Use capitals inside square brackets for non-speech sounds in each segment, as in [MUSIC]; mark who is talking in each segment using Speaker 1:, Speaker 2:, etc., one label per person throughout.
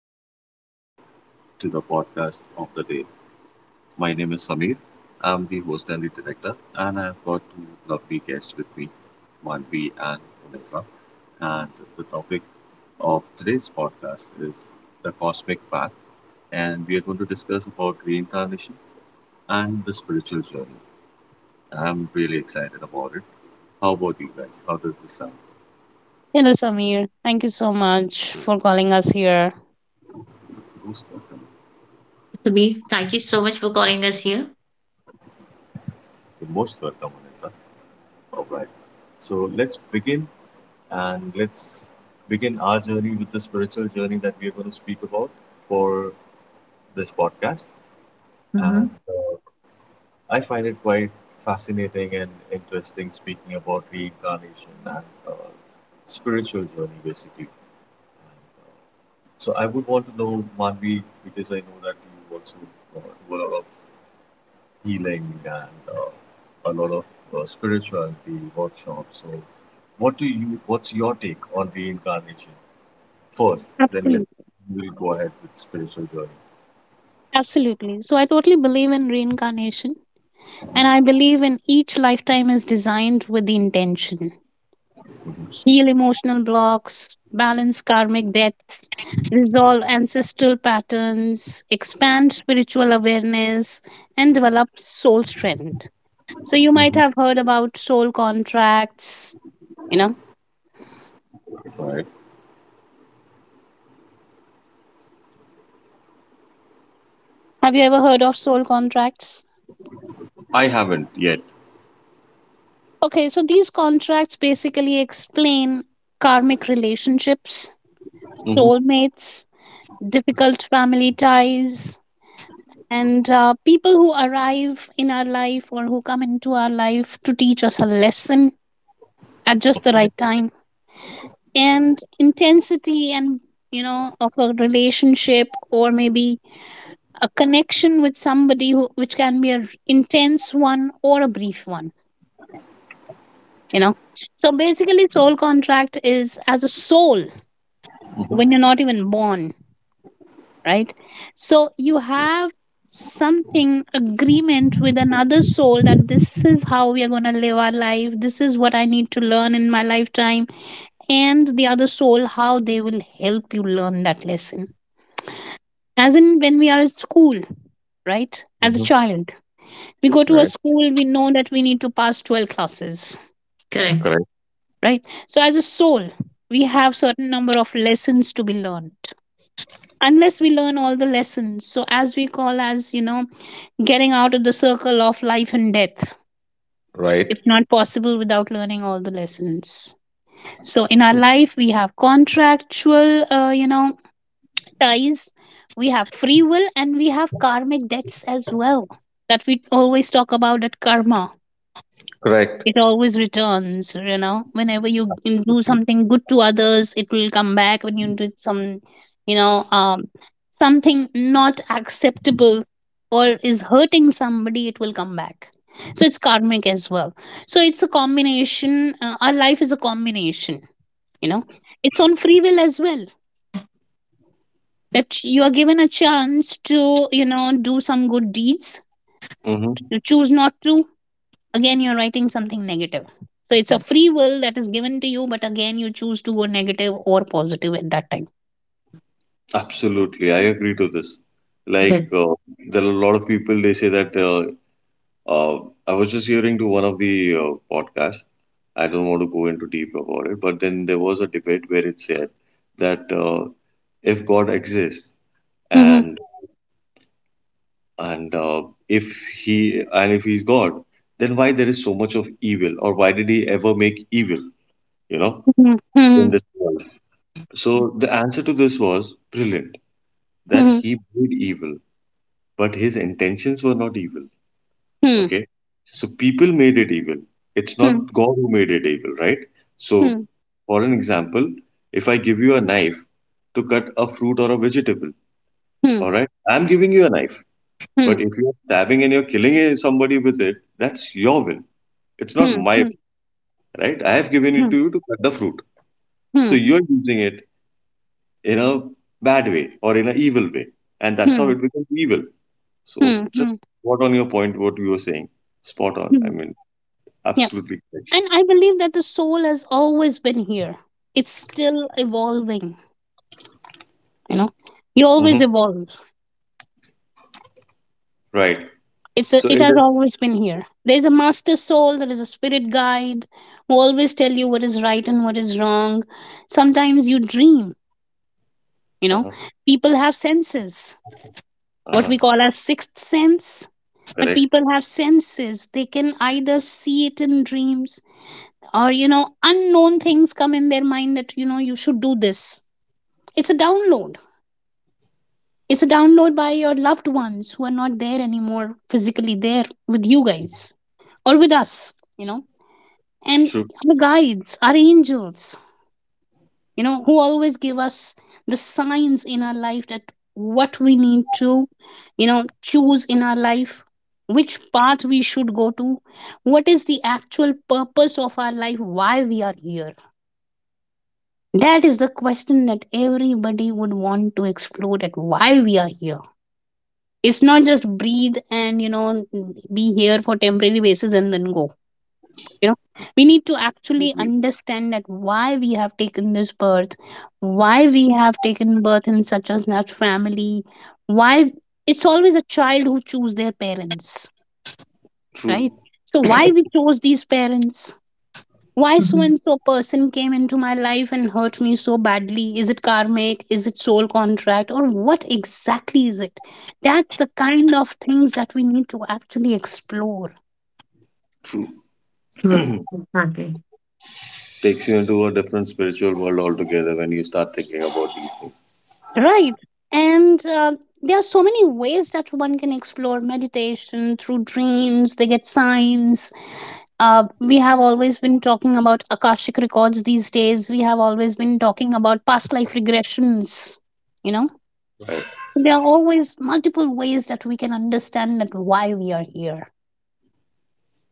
Speaker 1: and welcome to the podcast of the day. My name is Samir. I'm the host and the director, and I've got two lovely guests with me, Manvi and Vanessa. And the topic of today's podcast is the cosmic path, and we are going to discuss about reincarnation and the spiritual journey. I'm really excited about it. How about you guys? How does this sound?
Speaker 2: Hello, Samir. Thank you so much for calling us here.
Speaker 1: Most welcome.
Speaker 3: Sabir, thank you so much for calling us here.
Speaker 1: You're most welcome, Vanessa. All right. So let's begin and let's begin our journey with the spiritual journey that we are going to speak about for this podcast. And
Speaker 3: Mm-hmm.
Speaker 1: uh, I find it quite fascinating and interesting speaking about reincarnation and spiritual journey, basically. And, uh, so I would want to know, Manvi, because I know that you also do a lot of healing and a lot of spirituality workshops. So, what do you? What's your take on reincarnation? First, then let
Speaker 2: Absolutely.
Speaker 1: we'll go ahead with spiritual journey.
Speaker 2: Absolutely. So, I totally believe in reincarnation, and I believe in each lifetime is designed with the intention
Speaker 1: Mhm.
Speaker 2: heal emotional blocks, balance karmic debt, resolve ancestral patterns, expand spiritual awareness, and develop soul strength. So, you might
Speaker 1: Mhm.
Speaker 2: have heard about soul contracts. You know,
Speaker 1: Right.
Speaker 2: have you ever heard of soul contracts?
Speaker 1: I haven't yet.
Speaker 2: Okay, so these contracts basically explain karmic relationships,
Speaker 1: Hmm.
Speaker 2: soulmates, difficult family ties, and people who arrive in our life or who come into our life to teach us a lesson at just the right time. And intensity and you know of a relationship or maybe a connection with somebody who, which can be an intense one or a brief one, you know. So basically soul contract is as a soul when
Speaker 1: Hmm.
Speaker 2: you're not even born, right? So you have something agreement with another soul that this is how we are going to live our life. This is what I need to learn in my lifetime, and the other soul how they will help you learn that lesson, as in when we are at school, right? As a
Speaker 1: Hmm.
Speaker 2: child, we go to a
Speaker 1: Right.
Speaker 2: school. We know that we need to pass 12 classes,
Speaker 3: Correct.
Speaker 1: Correct.
Speaker 2: right? So as a soul, we have certain number of lessons to be learned. Unless we learn all the lessons, so as we call as you know, getting out of the circle of life and death,
Speaker 1: Right.
Speaker 2: it's not possible without learning all the lessons. So in our life we have contractual you know, ties. We have free will and we have karmic debts as well, that we always talk about at karma.
Speaker 1: Correct.
Speaker 2: It always returns, you know. Whenever you can do
Speaker 1: Absolutely.
Speaker 2: something good to others, it will come back. When you do some, you know, something not acceptable, or is hurting somebody, it will come back. So it's karmic as well. So it's a combination. Our life is a combination, you know. It's on free will as well, that you are given a chance to, you know, do some good deeds.
Speaker 1: Hmm.
Speaker 2: You choose not to. Again, you're writing something negative. So it's a free will that is given to you, but again you choose to go negative or positive at that time.
Speaker 1: Absolutely. I agree to this. Like,
Speaker 3: Correct.
Speaker 1: uh, there are a lot of people, they say that uh, I was just hearing to one of the podcasts. I don't want to go into deep about it, but then there was a debate where it said that if God exists
Speaker 2: Hmm,
Speaker 1: and and if he and if he's God, then why there is so much of evil, or why did he ever make evil, you know,
Speaker 2: hmm,
Speaker 1: in
Speaker 2: hmm,
Speaker 1: this world? So the answer to this was brilliant, that
Speaker 2: hmm,
Speaker 1: he made evil, but his intentions were not evil.
Speaker 2: hmm,
Speaker 1: Okay, so people made it evil. It's not
Speaker 2: hmm,
Speaker 1: God who made it evil, right? So,
Speaker 2: hmm,
Speaker 1: for an example, if I give you a knife to cut a fruit or a vegetable,
Speaker 2: hmm,
Speaker 1: all right, I'm giving you a knife.
Speaker 2: hmm,
Speaker 1: But if
Speaker 2: hmm,
Speaker 1: you're stabbing and you're killing somebody with it, that's your will. It's not my
Speaker 2: hmm,
Speaker 1: way, right? I have given it
Speaker 2: hmm,
Speaker 1: to you to cut the fruit. So
Speaker 2: hmm,
Speaker 1: you're using it in a bad way or in an evil way. And that's how
Speaker 2: hmm,
Speaker 1: it becomes evil. So
Speaker 2: hmm,
Speaker 1: just
Speaker 2: hmm,
Speaker 1: what on your point, what you were saying. Spot on. I
Speaker 2: hmm.
Speaker 1: mean,
Speaker 2: Yeah,
Speaker 1: absolutely correct.
Speaker 2: and I believe that the soul has always been here. It's still evolving, you know. You
Speaker 1: Hmm.
Speaker 2: always evolve.
Speaker 1: Right.
Speaker 2: It's a,
Speaker 1: So
Speaker 2: it
Speaker 1: it
Speaker 2: has
Speaker 1: is.
Speaker 2: always been here. There is a master soul, there is a spirit guide who always tell you what is right and what is wrong. Sometimes you dream, you know.
Speaker 1: Uh-huh,
Speaker 2: People have senses, what
Speaker 1: uh-huh,
Speaker 2: we call as sixth sense. But
Speaker 1: correct.
Speaker 2: people have senses. They can either see it in dreams, or, you know, unknown things come in their mind that, you know, you should do this. It's a download. It's a download by your loved ones who are not there anymore, physically there with you guys or with us, you know, and
Speaker 1: True.
Speaker 2: our guides, our angels, you know, who always give us the signs in our life that what we need to, you know, choose in our life, which path we should go to, what is the actual purpose of our life, why we are here. That is the question that everybody would want to explore, that why we are here. It's not just breathe and, you know, be here for temporary basis and then go, you know. We need to actually
Speaker 1: Absolutely.
Speaker 2: understand that why we have taken this birth, why we have taken birth in such a large family, why, it's always a child who choose their parents,
Speaker 1: True.
Speaker 2: right? So why we chose these parents, why so
Speaker 3: Mm-hmm.
Speaker 2: and so person came into my life and hurt me so badly. Is it karmic? Is it soul contract, or what exactly is it? That's the kind of things that we need to actually explore.
Speaker 1: True.
Speaker 3: True.
Speaker 1: [CLEARS THROAT]
Speaker 3: Exactly.
Speaker 1: Takes you into a different spiritual world altogether when you start thinking about these things.
Speaker 2: Right. And there are so many ways that one can explore meditation through dreams, they get signs. We have always been talking about Akashic records these days. We have always been talking about past life regressions. You know,
Speaker 1: Right.
Speaker 2: there are always multiple ways that we can understand that why we are here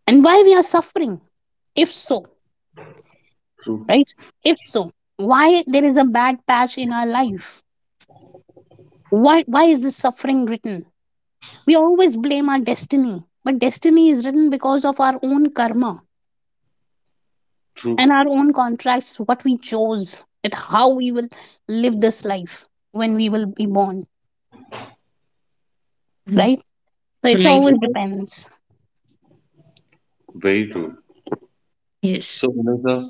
Speaker 2: and why we are suffering. If so,
Speaker 1: True.
Speaker 2: right? If so, why there is a bad patch in our life? Why is this suffering written? We always blame our destiny, but destiny is written because of our own karma
Speaker 1: True.
Speaker 2: and our own contracts, what we chose, and how we will live this life when we will be born,
Speaker 3: Right.
Speaker 2: right? So it's
Speaker 3: Right.
Speaker 2: always
Speaker 1: True.
Speaker 2: depends.
Speaker 1: Very true.
Speaker 3: Yes.
Speaker 1: So, Anita,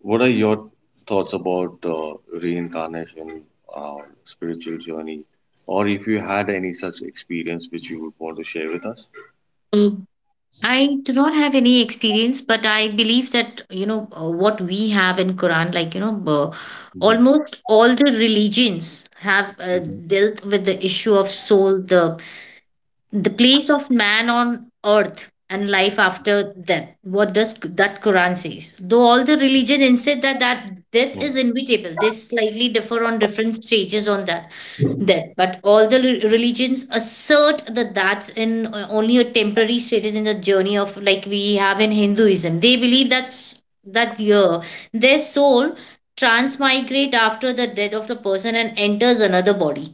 Speaker 1: what are your thoughts about reincarnation, uh, spiritual journey, or if you had any such experience which you would want to share with us?
Speaker 3: Um, I do not have any experience, but I believe that, you know, what we have in Quran, like, you know,
Speaker 1: Mhm,
Speaker 3: almost all the religions have
Speaker 1: mhm,
Speaker 3: dealt with the issue of soul, the place of man on earth and life after death. What does that Quran says, though all the religion insist that death is inevitable. They slightly differ on different stages on that death, but all the religions assert that that's in only a temporary status in the journey of like we have in Hinduism, they believe that's that year their soul transmigrate after the death of the person and enters another body.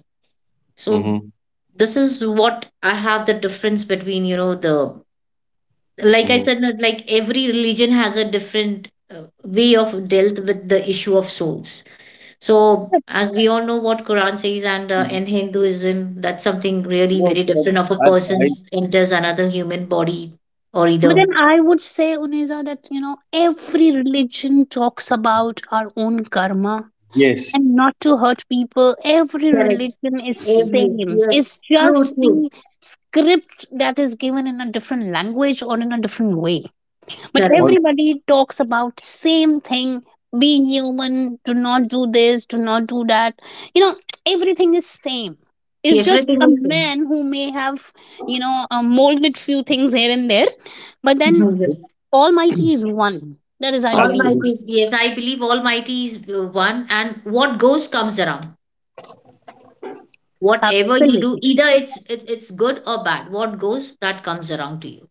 Speaker 3: So
Speaker 1: mhm.
Speaker 3: this is what I have, the difference between, you know, the,
Speaker 1: Hmm.
Speaker 3: like I
Speaker 1: Hmm.
Speaker 3: said, that like every religion has a different way of dealt with the issue of souls. So as we all know what Quran says, and in Hinduism, that's something really
Speaker 1: No,
Speaker 3: very
Speaker 1: but
Speaker 3: different of a
Speaker 1: I,
Speaker 3: person
Speaker 1: I
Speaker 3: enters another human body or
Speaker 2: But
Speaker 3: either.
Speaker 2: then I would say, Uneza, that you know, every religion talks about our own karma
Speaker 1: yes,
Speaker 2: and not to hurt people. Every
Speaker 3: Correct.
Speaker 2: religion is
Speaker 3: Every,
Speaker 2: same. It's
Speaker 3: yes, true,
Speaker 2: just
Speaker 3: true,
Speaker 2: the script that is given in a different language or in a different way, but
Speaker 3: correct.
Speaker 1: or
Speaker 2: everybody talks about same thing. Be human, do not do this, do not do that, you know. Everything is same. It's just
Speaker 3: Everything
Speaker 2: a
Speaker 3: is same.
Speaker 2: man who may have, you know, molded few things here and there, but then
Speaker 3: Mhm, [LAUGHS] yes.
Speaker 2: almighty is one, that is I believe
Speaker 1: absolutely.
Speaker 2: in.
Speaker 3: Almighty is, yes, I believe Almighty is one, and what goes comes around. Whatever you do,
Speaker 2: Absolutely.
Speaker 3: either it's good or bad, what goes that comes around to you.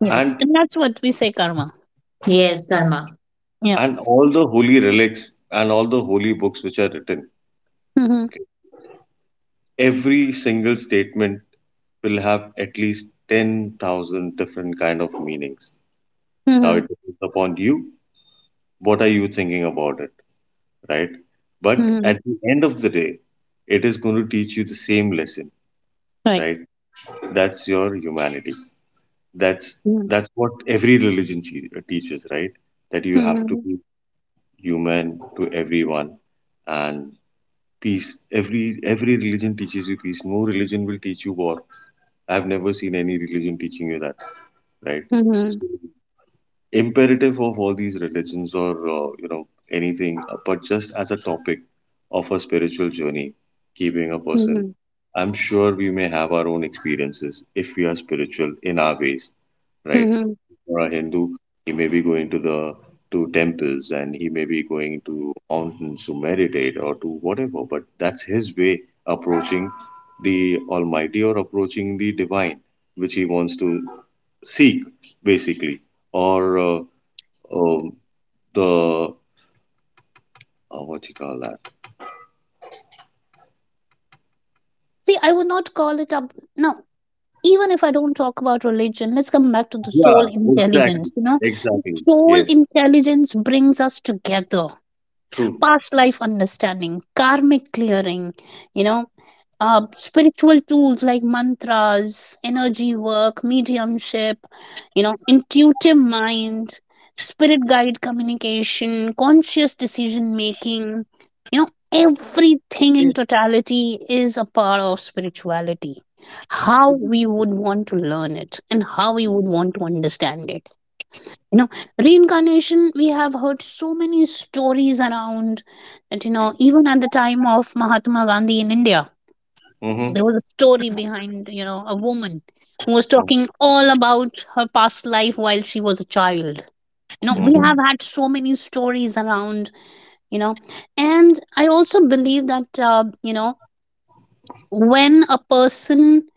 Speaker 2: Yes,
Speaker 1: And
Speaker 2: and that's what we say karma.
Speaker 3: Yes, karma.
Speaker 2: Yeah.
Speaker 1: and all the holy relics and all the holy books which are written,
Speaker 2: Mhm.
Speaker 1: okay, every single statement will have at least 10,000 different kind of meanings. Now
Speaker 2: Mhm.
Speaker 1: it depends upon you. What are you thinking about it, right? But
Speaker 2: Mhm.
Speaker 1: at the end of the day, it is going to teach you the same lesson,
Speaker 2: Right.
Speaker 1: right? That's your humanity. That's
Speaker 2: Mhm.
Speaker 1: that's what every religion che- teaches, right? That you have to
Speaker 2: Mhm.
Speaker 1: be human to everyone, and peace. Every religion teaches you peace. No religion will teach you war. I've never seen any religion teaching you that, right?
Speaker 2: Mhm.
Speaker 1: So imperative of all these religions or you know, anything, but just as a topic of a spiritual journey keeping a person,
Speaker 2: Mhm.
Speaker 1: I'm sure we may have our own experiences if we are spiritual in our ways, right?
Speaker 2: Mhm.
Speaker 1: For a Hindu, he may be going to the to temples, and he may be going to mountains to meditate or to whatever, but that's his way approaching the almighty or approaching the divine, which he wants to seek basically, or um the what you call that?
Speaker 2: See, I would not call it up. No, even if I don't talk about religion, let's come back to the soul
Speaker 1: Yeah, exactly,
Speaker 2: intelligence. You know,
Speaker 1: exactly.
Speaker 2: soul
Speaker 1: Yes,
Speaker 2: intelligence brings us together.
Speaker 1: true.
Speaker 2: Past life understanding, karmic clearing, you know, spiritual tools like mantras, energy work, mediumship, you know, intuitive mind, spirit guide communication, conscious decision making, you know, everything in
Speaker 1: Yes.
Speaker 2: totality is a part of spirituality. How we would want to learn it and how we would want to understand it, you know. Reincarnation, we have heard so many stories around, that you know even at the time of Mahatma Gandhi in India
Speaker 1: Mm-hmm.
Speaker 2: there was a story behind, you know, a woman who was talking all about her past life while she was a child. You know, we
Speaker 1: Mm-hmm.
Speaker 3: Okay.
Speaker 2: have had so many stories around, you know. And I also believe that you know, when a person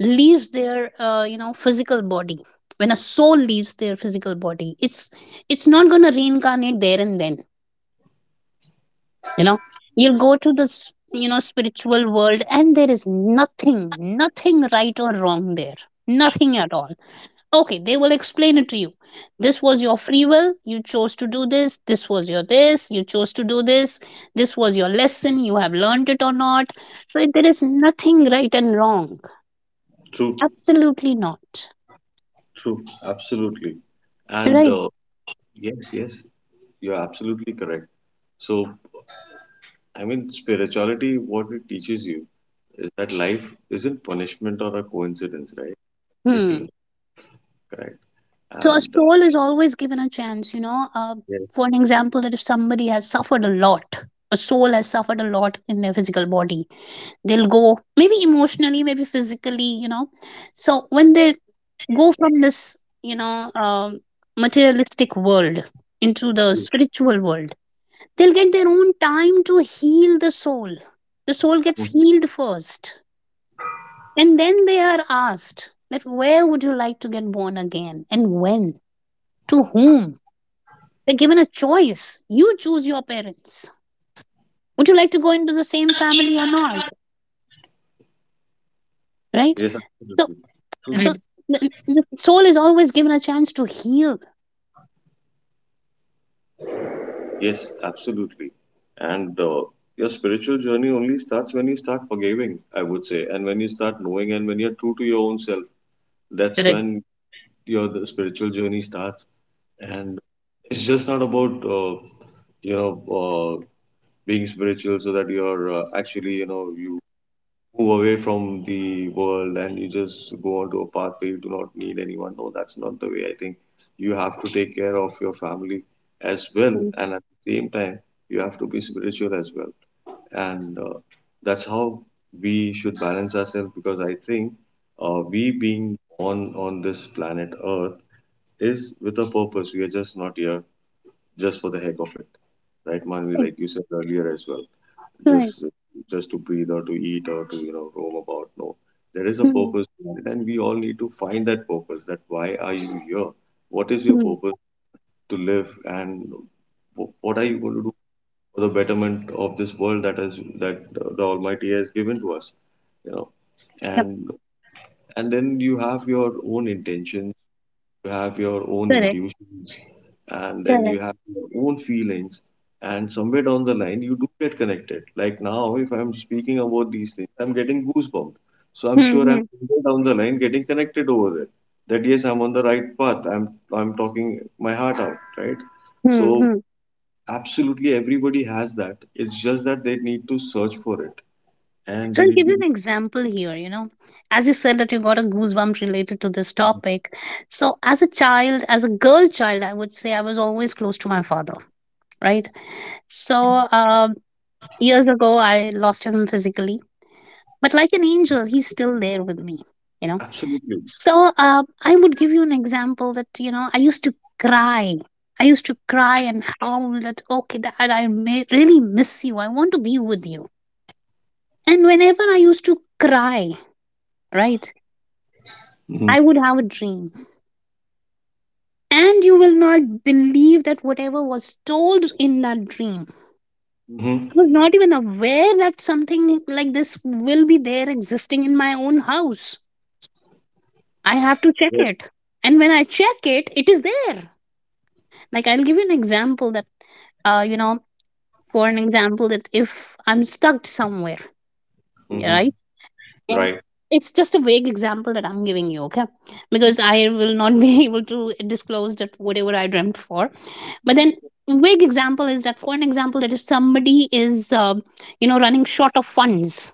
Speaker 2: leaves their you know, physical body, when a soul leaves their physical body, it's not going to reincarnate there and then, you know. You'll go to this, you know, spiritual world, and there is nothing, nothing right or wrong there, nothing at all. Okay, they will explain it to you. This was your free will, you chose to do this. This was your, this you chose to do this. This was your lesson, you have learned it or not. So there is nothing right and wrong,
Speaker 1: True,
Speaker 2: absolutely not.
Speaker 1: true, absolutely. And
Speaker 2: Right.
Speaker 1: uh, yes, yes, you're absolutely correct. So, I mean, spirituality, what it teaches you is that life isn't punishment or a coincidence, right?
Speaker 2: Hmm.
Speaker 1: Curriculum, correct.
Speaker 2: So a
Speaker 1: And
Speaker 2: soul is always given a chance, you know.
Speaker 1: yes,
Speaker 2: For an example, that if somebody has suffered a lot, a soul has suffered a lot in their physical body, they'll go maybe emotionally, maybe physically, you know. So when they go from this, you know, materialistic world into the
Speaker 1: true.
Speaker 2: spiritual world, they'll get their own time to heal the soul. The soul gets
Speaker 1: Mhm.
Speaker 2: healed first, and then they are asked that where would you like to get born again and when. To whom? They're given a choice. You choose your parents. Would you like to go into the same family or not? Right?
Speaker 1: Yes,
Speaker 2: So,
Speaker 1: absolutely. True.
Speaker 2: so
Speaker 3: Correct.
Speaker 2: the soul is always given a chance to heal.
Speaker 1: Yes, absolutely. And your spiritual journey only starts when you start forgiving, I would say, and when you start knowing and when you're true to your own self. That's
Speaker 3: Correct.
Speaker 1: when your the spiritual journey starts. And it's just not about, you know, uh, being spiritual so that you're actually, you know, you move away from the world and you just go onto a path where you do not need anyone. No, that's not the way I think. You have to take care of your family as well,
Speaker 2: Mm.
Speaker 1: and at the same time, you have to be spiritual as well. And that's how we should balance ourselves, because I think we being on this planet Earth is with a purpose. We are just not here just for the heck of it, right, Manvi?
Speaker 2: Right.
Speaker 1: Like you said earlier as well,
Speaker 2: Right.
Speaker 1: just just to breathe or to eat or to, you know, roam about. No, there is a
Speaker 2: Mm,
Speaker 1: purpose behind it, and we all need to find that purpose. That why are you here, what is your
Speaker 2: mm.
Speaker 1: purpose to live, and wh- what are you going to do for the betterment of this world that is that the almighty has given to us, you know.
Speaker 2: Yep.
Speaker 1: and and then you have your own intentions, you have your own
Speaker 2: Correct.
Speaker 1: intuitions, and then you
Speaker 2: Correct.
Speaker 1: have your own feelings, and somewhere down the line you do get connected. Like now, if I'm speaking about these things, I'm getting goosebumps. So I'm sure I'm
Speaker 2: Mm-hmm.
Speaker 1: somewhere down the line getting connected over there, that yes, I'm on the right path. I'm talking my heart out, right? So
Speaker 2: Mm-hmm.
Speaker 1: absolutely everybody has that. It's just that they need to search for it, and
Speaker 2: So
Speaker 1: they
Speaker 2: I'll
Speaker 1: need
Speaker 2: give you
Speaker 1: to
Speaker 2: an example here. You know, as you said that you got a goosebump related to this topic. So as a child, as a girl child, I would say I was always close to my father. Right. So years ago, I lost him physically, but like an angel he's still there with me, you know.
Speaker 1: absolutely.
Speaker 2: So I would give you an example that, you know, I used to cry and howl that okay dad, I may really miss you, I want to be with you, and whenever I used to cry, right,
Speaker 1: Mm-hmm.
Speaker 2: I would have a dream, and you will not believe that whatever was told in that dream,
Speaker 1: Mm-hmm.
Speaker 2: I was not even aware that something like this will be there existing in my own house. I have to check
Speaker 1: Right.
Speaker 2: it. And when I check it, it is there. Like I'll give you an example that you know, for an example that if I'm stuck somewhere, yeah,
Speaker 1: Mhm.
Speaker 2: right? And
Speaker 1: Right.
Speaker 2: it's just a vague example that I'm giving you, okay? Because I will not be [LAUGHS] able to disclose that whatever I dreamt for. But then vague example is that for an example that if somebody is you know, running short of funds,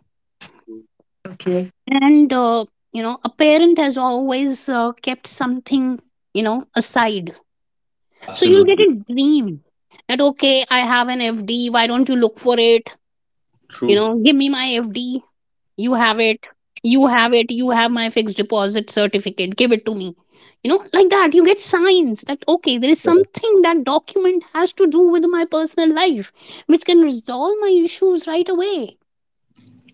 Speaker 3: Okay.
Speaker 2: and you know, a parent has always kept something, you know, aside. So you'll get
Speaker 1: Absolutely
Speaker 2: a dream that, okay, I have an FD. Why don't you look for it? You
Speaker 1: true.
Speaker 2: know, give me my FD. You have it. You have it. You have my fixed deposit certificate. Give it to me. You know, like that. You get signs that, okay, there is something that document has to do with my personal life, which can resolve my issues right away.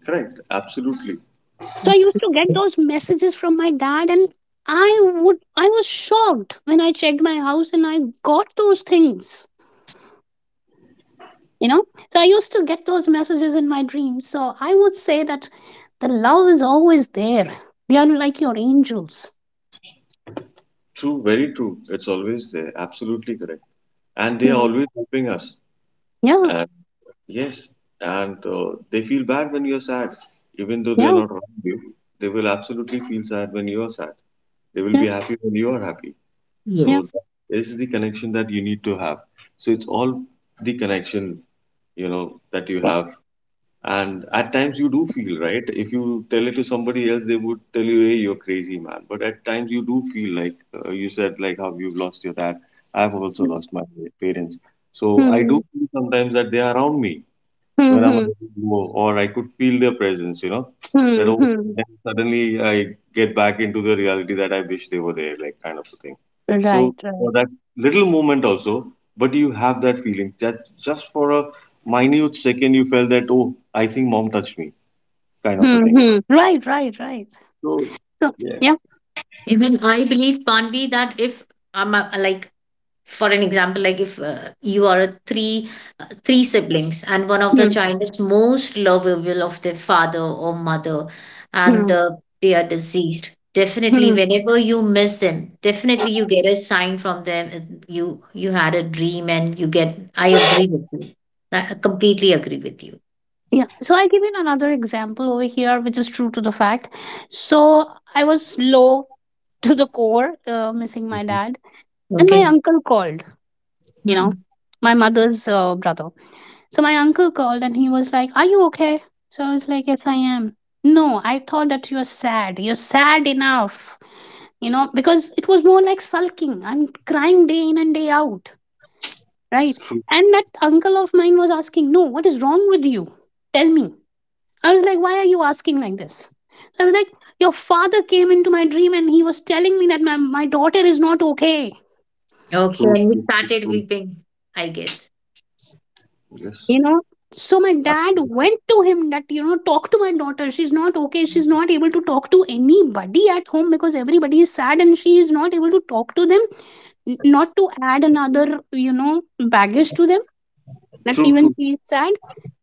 Speaker 1: Correct, absolutely.
Speaker 2: So I used to get
Speaker 3: Okay.
Speaker 2: those messages from my dad and I would I was shocked when I checked my house and I got those things, you know. So I used to get those messages in my dreams, so I would say that the love is always there. They are like your angels.
Speaker 1: True, very true. It's always there. Absolutely correct. And they are
Speaker 2: Mm.
Speaker 1: always helping us.
Speaker 2: Yeah,
Speaker 1: And yes, and they feel bad when you're sad, even though they are
Speaker 2: yeah,
Speaker 1: not around you. They will absolutely feel sad when you are sad. They will
Speaker 2: yeah,
Speaker 1: be happy when you are happy.
Speaker 2: yeah.
Speaker 1: So
Speaker 3: Yes,
Speaker 1: that is the connection that you need to have. So it's all the connection, you know, that you have. And at times you do feel, right? If you tell it to somebody else, they would tell you, hey, you're crazy, man. But at times you do feel like, you said, like how you've lost your dad. I've also
Speaker 2: Mm.
Speaker 1: lost my parents. So I do feel sometimes that they're around me when I'm
Speaker 2: Mhm,
Speaker 1: low, or I could feel their presence, you know,
Speaker 2: mhm,
Speaker 1: that oh,
Speaker 2: mhm.
Speaker 1: then suddenly I get back into the reality that I wish they were there, like kind of a thing. So
Speaker 2: Right,
Speaker 1: for
Speaker 2: right.
Speaker 1: that little moment also, but you have that feeling that just for a minute second you felt that oh, I think mom touched me, kind of a thing. Yeah.
Speaker 2: Mhm. Right, right, right.
Speaker 1: So
Speaker 2: So
Speaker 1: yeah,
Speaker 2: yeah.
Speaker 3: even I believe, Panvi, that if like for an example, like if you are a three three siblings and one of the
Speaker 2: Mm,
Speaker 3: child is most lovable of their father or mother, and
Speaker 2: mm,
Speaker 3: they are deceased, definitely
Speaker 2: mm.
Speaker 3: whenever you miss them, definitely you get a sign from them and you had a dream and you get, I agree with you. I completely agree with you.
Speaker 2: Yeah, so I give you another example over here which is true to the fact. So I was low [LAUGHS] to the core, missing my
Speaker 1: Mhm.
Speaker 2: dad, and my
Speaker 3: Okay.
Speaker 2: uncle called, you know,
Speaker 3: Hmm.
Speaker 2: my mother's brother. So my uncle called and he was like, "Are you okay?" So I was like, "Yes, I am." "No, I thought that you're sad. You're sad enough, you know," because it was more like sulking. I'm crying day in and day out, right? And that uncle of mine was asking, "No, what is wrong with you? Tell me." I was like, "Why are you asking like this?" So, I was like, "Your father came into my dream and he was telling me that my daughter is not okay,
Speaker 3: Okay,
Speaker 1: True,
Speaker 3: and we
Speaker 1: true, true,
Speaker 3: started
Speaker 1: true.
Speaker 3: weeping, I guess.
Speaker 1: Yes,
Speaker 2: you know. So my dad went to him that, you know, talk to my daughter, she's not okay, she's not able to talk to anybody at home because everybody is sad and she is not able to talk to them." Not to add another, you know, baggage to them, that
Speaker 1: true,
Speaker 2: even
Speaker 1: true.
Speaker 2: she is sad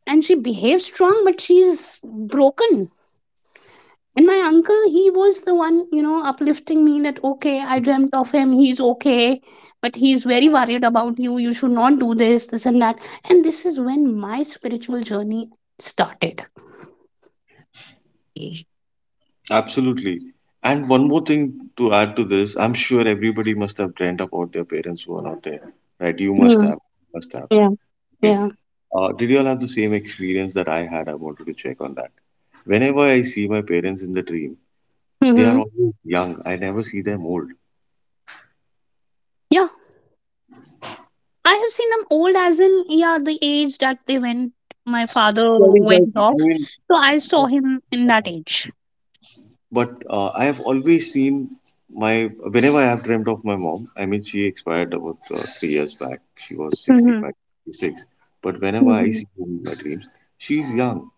Speaker 2: and she behaves strong but she's broken. And my uncle, he was the one, you know, uplifting me that, okay, I dreamt of him, he's okay, but he's very worried about you, you should not do this, this, and that. And this is when my spiritual journey started.
Speaker 1: Absolutely. And one more thing to add to this, I'm sure everybody must have dreamt about their parents who are not there, right? You must
Speaker 2: Hmm.
Speaker 1: have, must have.
Speaker 2: Yeah,
Speaker 1: Okay.
Speaker 2: yeah.
Speaker 1: Did you all have the same experience that I had? I wanted to check on that. Whenever I see my parents in the dream, they are
Speaker 2: Hmm.
Speaker 1: always young. I never see them old.
Speaker 2: Yeah, I have seen them old as in, yeah, the age that they went, my father
Speaker 1: Very well.
Speaker 2: went off.
Speaker 1: I mean,
Speaker 2: So I saw him in that age.
Speaker 1: but I have always seen my whenever I have dreamt of my mom. I mean, she expired about 3 years back. She was
Speaker 2: Mm-hmm.
Speaker 1: 65, 66. But whenever I
Speaker 2: Mhm,
Speaker 1: see her in my dreams, she's young.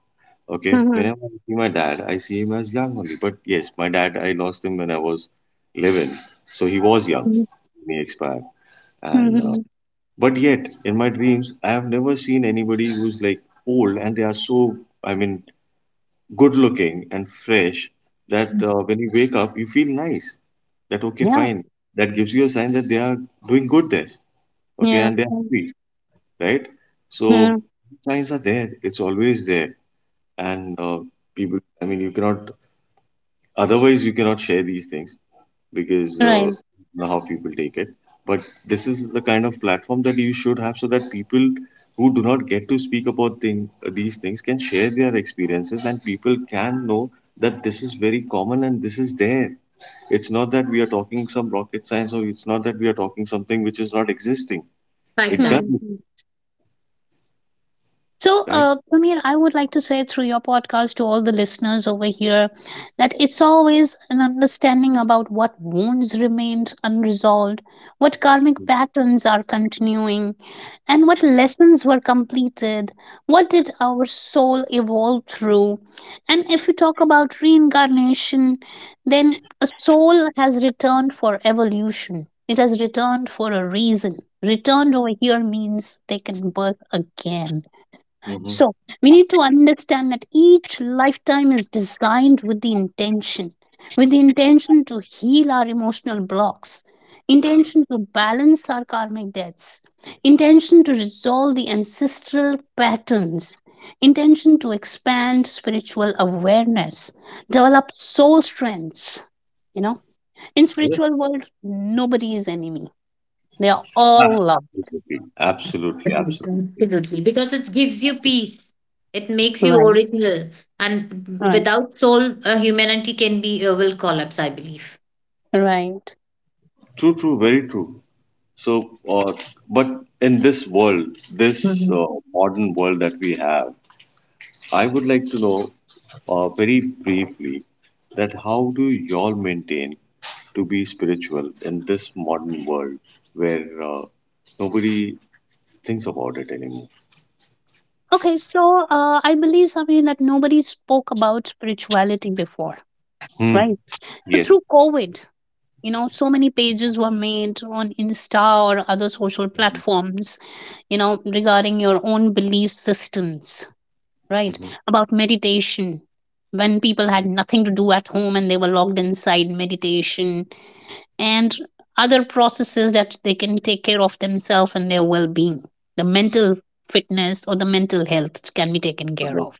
Speaker 1: Okay.
Speaker 2: mhm,
Speaker 1: Whenever I see my dad, I see him as young only. But yes, my dad, I lost him when I was 11, so he was young
Speaker 2: mhm,
Speaker 1: when he expired. And
Speaker 2: mhm.
Speaker 1: but yet in my dreams, I have never seen anybody who's like old, and they are so, I mean, good looking and fresh, that when you wake up you feel nice, that okay
Speaker 2: Yeah,
Speaker 1: fine, that gives you a sign that they are doing good there, okay,
Speaker 2: yeah,
Speaker 1: and they're
Speaker 2: mm,
Speaker 1: happy, right? So
Speaker 2: yeah,
Speaker 1: signs are there, it's always there. And people, I mean, you cannot, otherwise you cannot share these things, because
Speaker 2: right.
Speaker 1: know how people take it. But this is the kind of platform that you should have so that people who do not get to speak about thing, these things can share their experiences and people can know that this is very common and this is there. It's not that we are talking some rocket science, or it's not that we are talking something which is not existing.
Speaker 3: Like
Speaker 1: It
Speaker 3: that.
Speaker 1: does,
Speaker 2: Mhm. So,
Speaker 1: right?
Speaker 2: Amir, I would like to say through your podcast to all the listeners over here that it's always an understanding about what wounds remained unresolved, what karmic patterns are continuing, and what lessons were completed, what did our soul evolve through. And if we talk about reincarnation, then a soul has returned for evolution, it has returned for a reason. Returned over here means taken birth again.
Speaker 1: Mm-hmm.
Speaker 2: So, we need to understand that each lifetime is designed with the intention to heal our emotional blocks, intention to balance our karmic debts, intention to resolve the ancestral patterns, intention to expand spiritual awareness, develop soul strengths. You know, in
Speaker 1: Yes,
Speaker 2: spiritual world, nobody is enemy. They are all love.
Speaker 1: absolutely. Absolutely, absolutely.
Speaker 3: Absolutely, because it gives you peace. It makes you
Speaker 2: Right,
Speaker 3: original, and
Speaker 2: right,
Speaker 3: without soul, humanity can be will collapse, I believe.
Speaker 2: right.
Speaker 1: True, true, very true. So, but in this world, this
Speaker 3: Mhm.
Speaker 1: modern world that we have, I would like to know very briefly that how do y'all maintain to be spiritual in this modern world where nobody thinks about it anymore?
Speaker 2: Okay, so I believe something that nobody spoke about spirituality before,
Speaker 1: Hmm.
Speaker 2: right? So
Speaker 1: Yes.
Speaker 2: through COVID, you know, so many pages were made on Insta or other social platforms, you know, regarding your own belief systems, right?
Speaker 1: Mm-hmm.
Speaker 2: About meditation. When people had nothing to do at home and they were locked inside meditation and other processes that they can take care of themselves and their well being, the mental fitness or the mental health can be taken care
Speaker 1: Correct.
Speaker 2: of.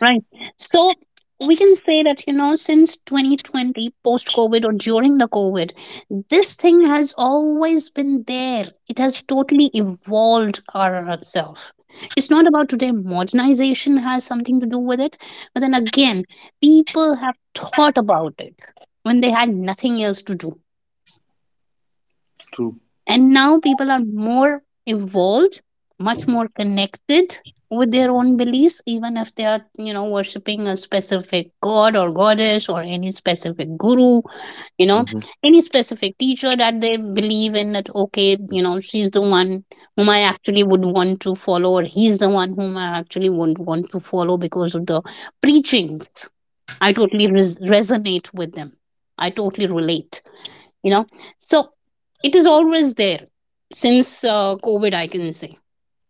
Speaker 2: Right. So we can say that, you know, since 2020, post COVID or during the COVID, this thing has always been there. It has totally evolved ourselves. It's not about today, modernization has something to do with it. But then again, people have thought about it when they had nothing else to do.
Speaker 1: True.
Speaker 2: And now people are more evolved, much more connected with their own beliefs, even if they are, you know, worshipping a specific god or goddess or any specific guru, you know,
Speaker 1: Mm-hmm.
Speaker 2: any specific teacher that they believe in that, okay, you know, she's the one whom I actually would want to follow, or he's the one whom I actually would want to follow because of the preachings. I totally resonate with them. I totally relate, you know. So it is always there since COVID, I can say,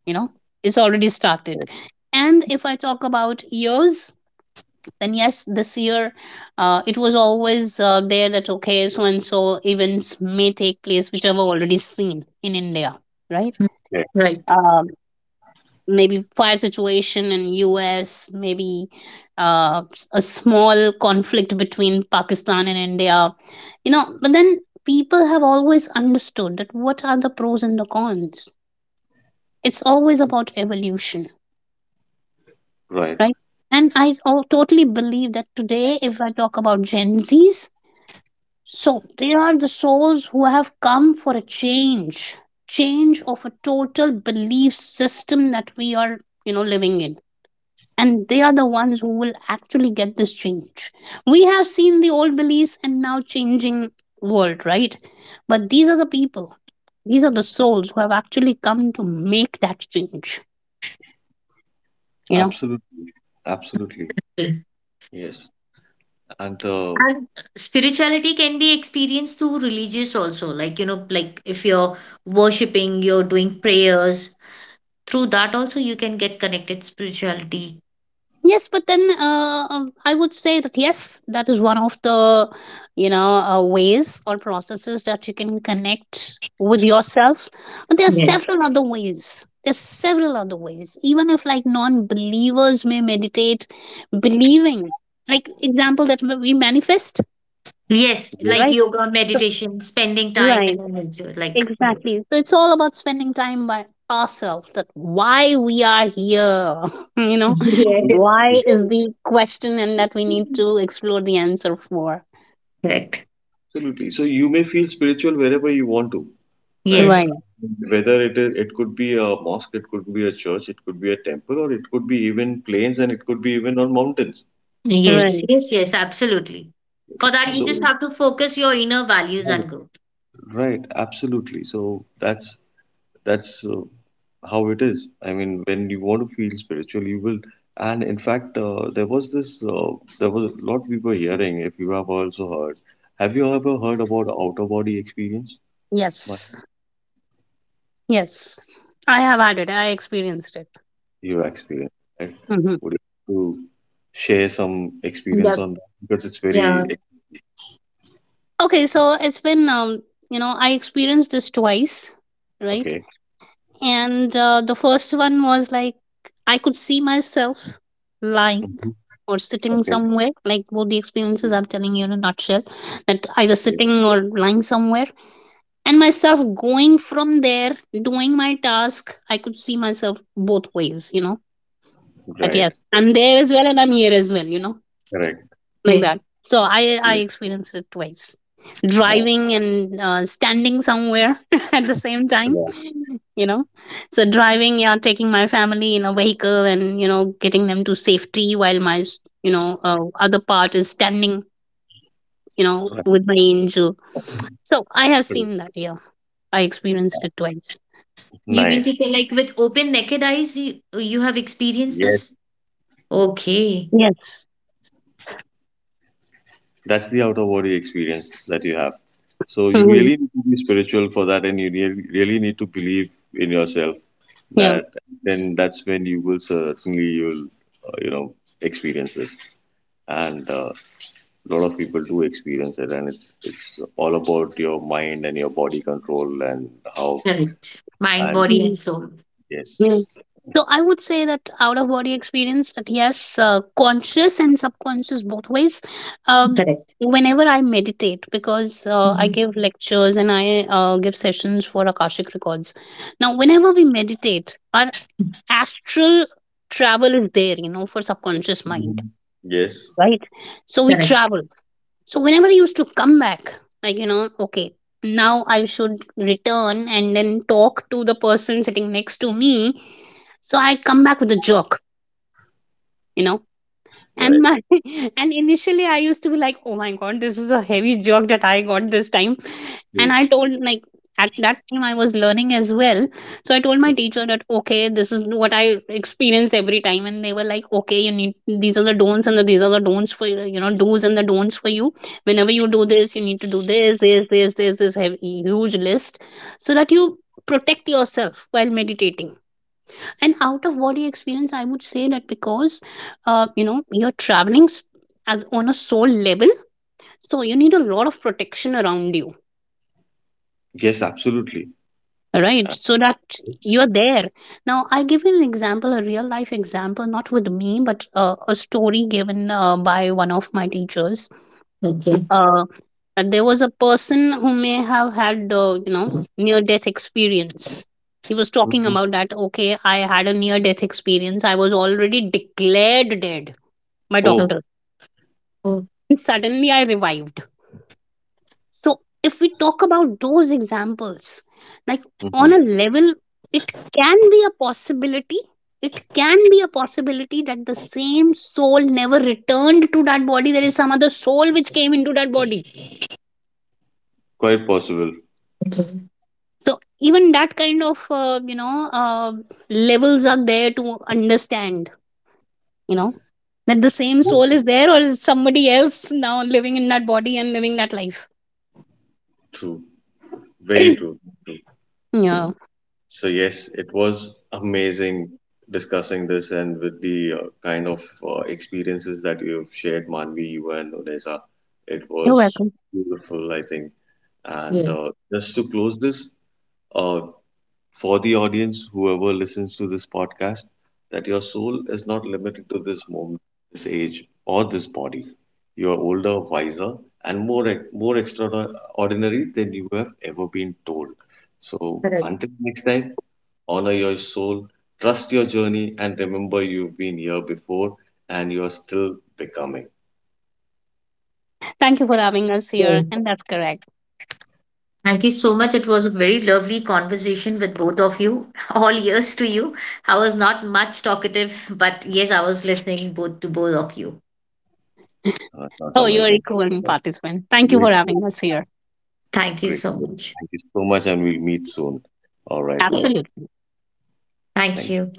Speaker 2: you know, it's already started.
Speaker 1: Right.
Speaker 2: And if I talk about years, then yes, this year, it was always there that okay, so and so events may take place which I've already seen in India, right?
Speaker 3: Mm.
Speaker 1: Yeah.
Speaker 3: Right.
Speaker 2: Um, maybe fire situation in US, maybe a small conflict between Pakistan and India, you know, but then people have always understood that what are the pros and the cons. It's always about evolution,
Speaker 1: Right.
Speaker 2: right? And I totally believe that today if I talk about Gen Z's, so they are the souls who have come for a change, change of a total belief system that we are, you know, living in. And they are the ones who will actually get this change. We have seen the old beliefs and now changing world, right? But these are the people, these are the souls who have actually come to make that change, you know.
Speaker 1: Absolutely. Absolutely.
Speaker 3: Okay.
Speaker 1: Yes. And
Speaker 3: And spirituality can be experienced through religious also. Like, you know, like if you're worshiping, you're doing prayers. Through that also, you can get connected spirituality.
Speaker 2: Yes, but then I would say that yes, that is one of the, you know, ways or processes that you can connect with yourself. But there are
Speaker 3: Yes.
Speaker 2: several other ways. There's several other ways. Even if like non-believers may meditate, believing, like example that we manifest,
Speaker 3: Yes,
Speaker 1: yes,
Speaker 3: like
Speaker 2: right?
Speaker 3: yoga,
Speaker 2: So
Speaker 3: meditation, spending time
Speaker 2: right,
Speaker 3: in a nature. Like, yes.
Speaker 2: exactly. So it's all about spending time by ourselves. That why we are here, [LAUGHS] you know,
Speaker 3: [LAUGHS]
Speaker 1: [LAUGHS] true,
Speaker 3: Yes.
Speaker 1: true,
Speaker 2: why is the question, and
Speaker 1: true.
Speaker 2: that we need to explore the answer for.
Speaker 3: Correct.
Speaker 1: Absolutely. So you may feel spiritual wherever you want to, right?
Speaker 3: Yes,
Speaker 2: Right,
Speaker 1: Whether it is, it could be a mosque, it could be a church, it could be a temple, or it could be even plains, and it could be even on mountains.
Speaker 3: yes,
Speaker 2: right.
Speaker 3: yes, yes, absolutely. For that, you
Speaker 1: So,
Speaker 3: just have to focus your inner values
Speaker 1: right,
Speaker 3: and growth.
Speaker 1: right, absolutely. So that's how it is. I mean, when you want to feel spiritual, you will. And in fact, there was this, there was a lot we were hearing. If you have also heard, have you ever heard about outer body experience?
Speaker 2: Yes, yes. I have had it. I experienced it.
Speaker 1: Your experience, right?
Speaker 2: Hmm.
Speaker 1: Would you like to share some experience
Speaker 3: Yep.
Speaker 1: on that? Because it's
Speaker 3: Yeah.
Speaker 1: very
Speaker 2: Okay, so it's been, you know, I experienced this twice, right?
Speaker 1: okay.
Speaker 2: And the first one was like, I could see myself lying
Speaker 1: Mhm.
Speaker 2: or sitting
Speaker 1: Okay.
Speaker 2: somewhere, like both the experiences I'm telling you in a nutshell, that either
Speaker 1: Right.
Speaker 2: sitting or lying somewhere and myself going from there doing my task. I could see myself both ways, you know, that
Speaker 1: Right.
Speaker 2: yes, I'm there as well and I'm here as well, you know,
Speaker 1: Correct.
Speaker 2: like
Speaker 3: Okay.
Speaker 2: that. So I
Speaker 1: Yes.
Speaker 2: experienced it twice,
Speaker 1: Wow.
Speaker 2: driving and standing somewhere [LAUGHS] at the same time,
Speaker 1: Correct.
Speaker 2: you know. So driving, yeah, taking my family in a vehicle and, you know, getting them to safety while my, you know, other part is standing, you know,
Speaker 1: Right.
Speaker 2: with my angel. So I have
Speaker 1: Correct.
Speaker 2: seen that, yeah, I experienced it twice.
Speaker 3: You mean to
Speaker 1: Nice.
Speaker 3: say, like, with open, naked eyes, you have experienced
Speaker 1: Yes.
Speaker 3: this? Okay.
Speaker 2: Yes.
Speaker 1: That's the outer body experience that you have. So you
Speaker 2: Hmm.
Speaker 1: really need to be spiritual for that, and you really, really need to believe in yourself.
Speaker 2: Yeah.
Speaker 1: That then that's when you will certainly you'll, you know, experience this. And a lot of people do experience it, and it's all about your mind and your body control and how
Speaker 3: Correct. Mind,
Speaker 1: and
Speaker 3: body, and
Speaker 2: Mm,
Speaker 3: soul.
Speaker 1: yes.
Speaker 2: yeah. So I would say that out of body experience, that yes, conscious and subconscious both ways. Um,
Speaker 3: Correct.
Speaker 2: whenever I meditate, because I
Speaker 3: Mhm.
Speaker 2: give lectures and I give sessions for Akashic Records. Now, whenever we meditate, our astral travel is there, you know, for subconscious
Speaker 1: Mhm.
Speaker 2: mind,
Speaker 1: Yes,
Speaker 2: right? So we
Speaker 3: Correct.
Speaker 2: travel. So whenever I used to come back, like you know, okay, now I should return and then talk to the person sitting next to me. So I come back with a jerk, you know. And
Speaker 1: right.
Speaker 2: my [LAUGHS] and initially I used to be like, oh my god, this is a heavy jerk that I got this time.
Speaker 1: Mm.
Speaker 2: And I told like, at that time I was learning as well, so I told my teacher that okay, this is what I experience every time, and they were like, okay, you need, these are the don'ts, these are the don'ts for you, you know, do's and the don'ts for you. Whenever you do this, you need to do this, this, this, this, this heavy, huge list so that you protect yourself while meditating. And out of body experience, I would say that because you know, you're traveling as on a soul level, so you need a lot of protection around you,
Speaker 1: Yes, absolutely.
Speaker 2: right? So that you're there. Now I give you an example, a real life example, not with me, but a story given by one of my teachers.
Speaker 3: Okay.
Speaker 2: uh, and there was a person who may have had, you know,
Speaker 3: Okay.
Speaker 2: near death experience. He was talking
Speaker 1: Mhm.
Speaker 2: about that, okay, I had a near death experience, I was already declared dead by
Speaker 3: Okay.
Speaker 1: Oh.
Speaker 2: doctor, suddenly I revived. So, if we talk about those examples, like on a
Speaker 1: Mhm.
Speaker 2: level, it can be a possibility. It can be a possibility that the same soul never returned to that body. There is some other soul which came into that body.
Speaker 1: Quite possible.
Speaker 3: Okay.
Speaker 2: So, even that kind of, you know, levels are there to understand, you know, that the same soul
Speaker 1: Mm.
Speaker 2: is there or is somebody else now living in that body and living that life.
Speaker 1: True, very
Speaker 2: [CLEARS THROAT]
Speaker 1: true.
Speaker 2: Yeah,
Speaker 1: So yes, it was amazing discussing this and with the kind of experiences that you've shared, Manvi, you and Odessa. It
Speaker 2: you're
Speaker 1: was
Speaker 2: welcome.
Speaker 1: beautiful, I think. And
Speaker 3: Yeah.
Speaker 1: uh, just to close this, uh, for the audience, whoever listens to this podcast, that your soul is not limited to this moment, this age, or this body. You are older, wiser, and more ex- more extraordinary than you have ever been told. So until
Speaker 3: Correct.
Speaker 1: next time, honor your soul, trust your journey, and remember you've been here before and you are still becoming.
Speaker 2: Thank you for having us here.
Speaker 3: So,
Speaker 2: And that's correct.
Speaker 3: thank you so much. It was a very lovely conversation with both of you. [LAUGHS] All ears to you. I was not much talkative, but yes, I was listening both to both of you.
Speaker 1: That's
Speaker 2: Oh, you're a
Speaker 1: amazing.
Speaker 2: equal participant. Thank you
Speaker 1: Great,
Speaker 2: for
Speaker 1: great,
Speaker 2: having us here.
Speaker 3: Thank you
Speaker 1: great.
Speaker 3: so much.
Speaker 1: Thank you so much, and we'll meet soon. All right.
Speaker 3: Yes.
Speaker 2: Absolutely.
Speaker 3: Thank
Speaker 1: Thank you.
Speaker 3: you.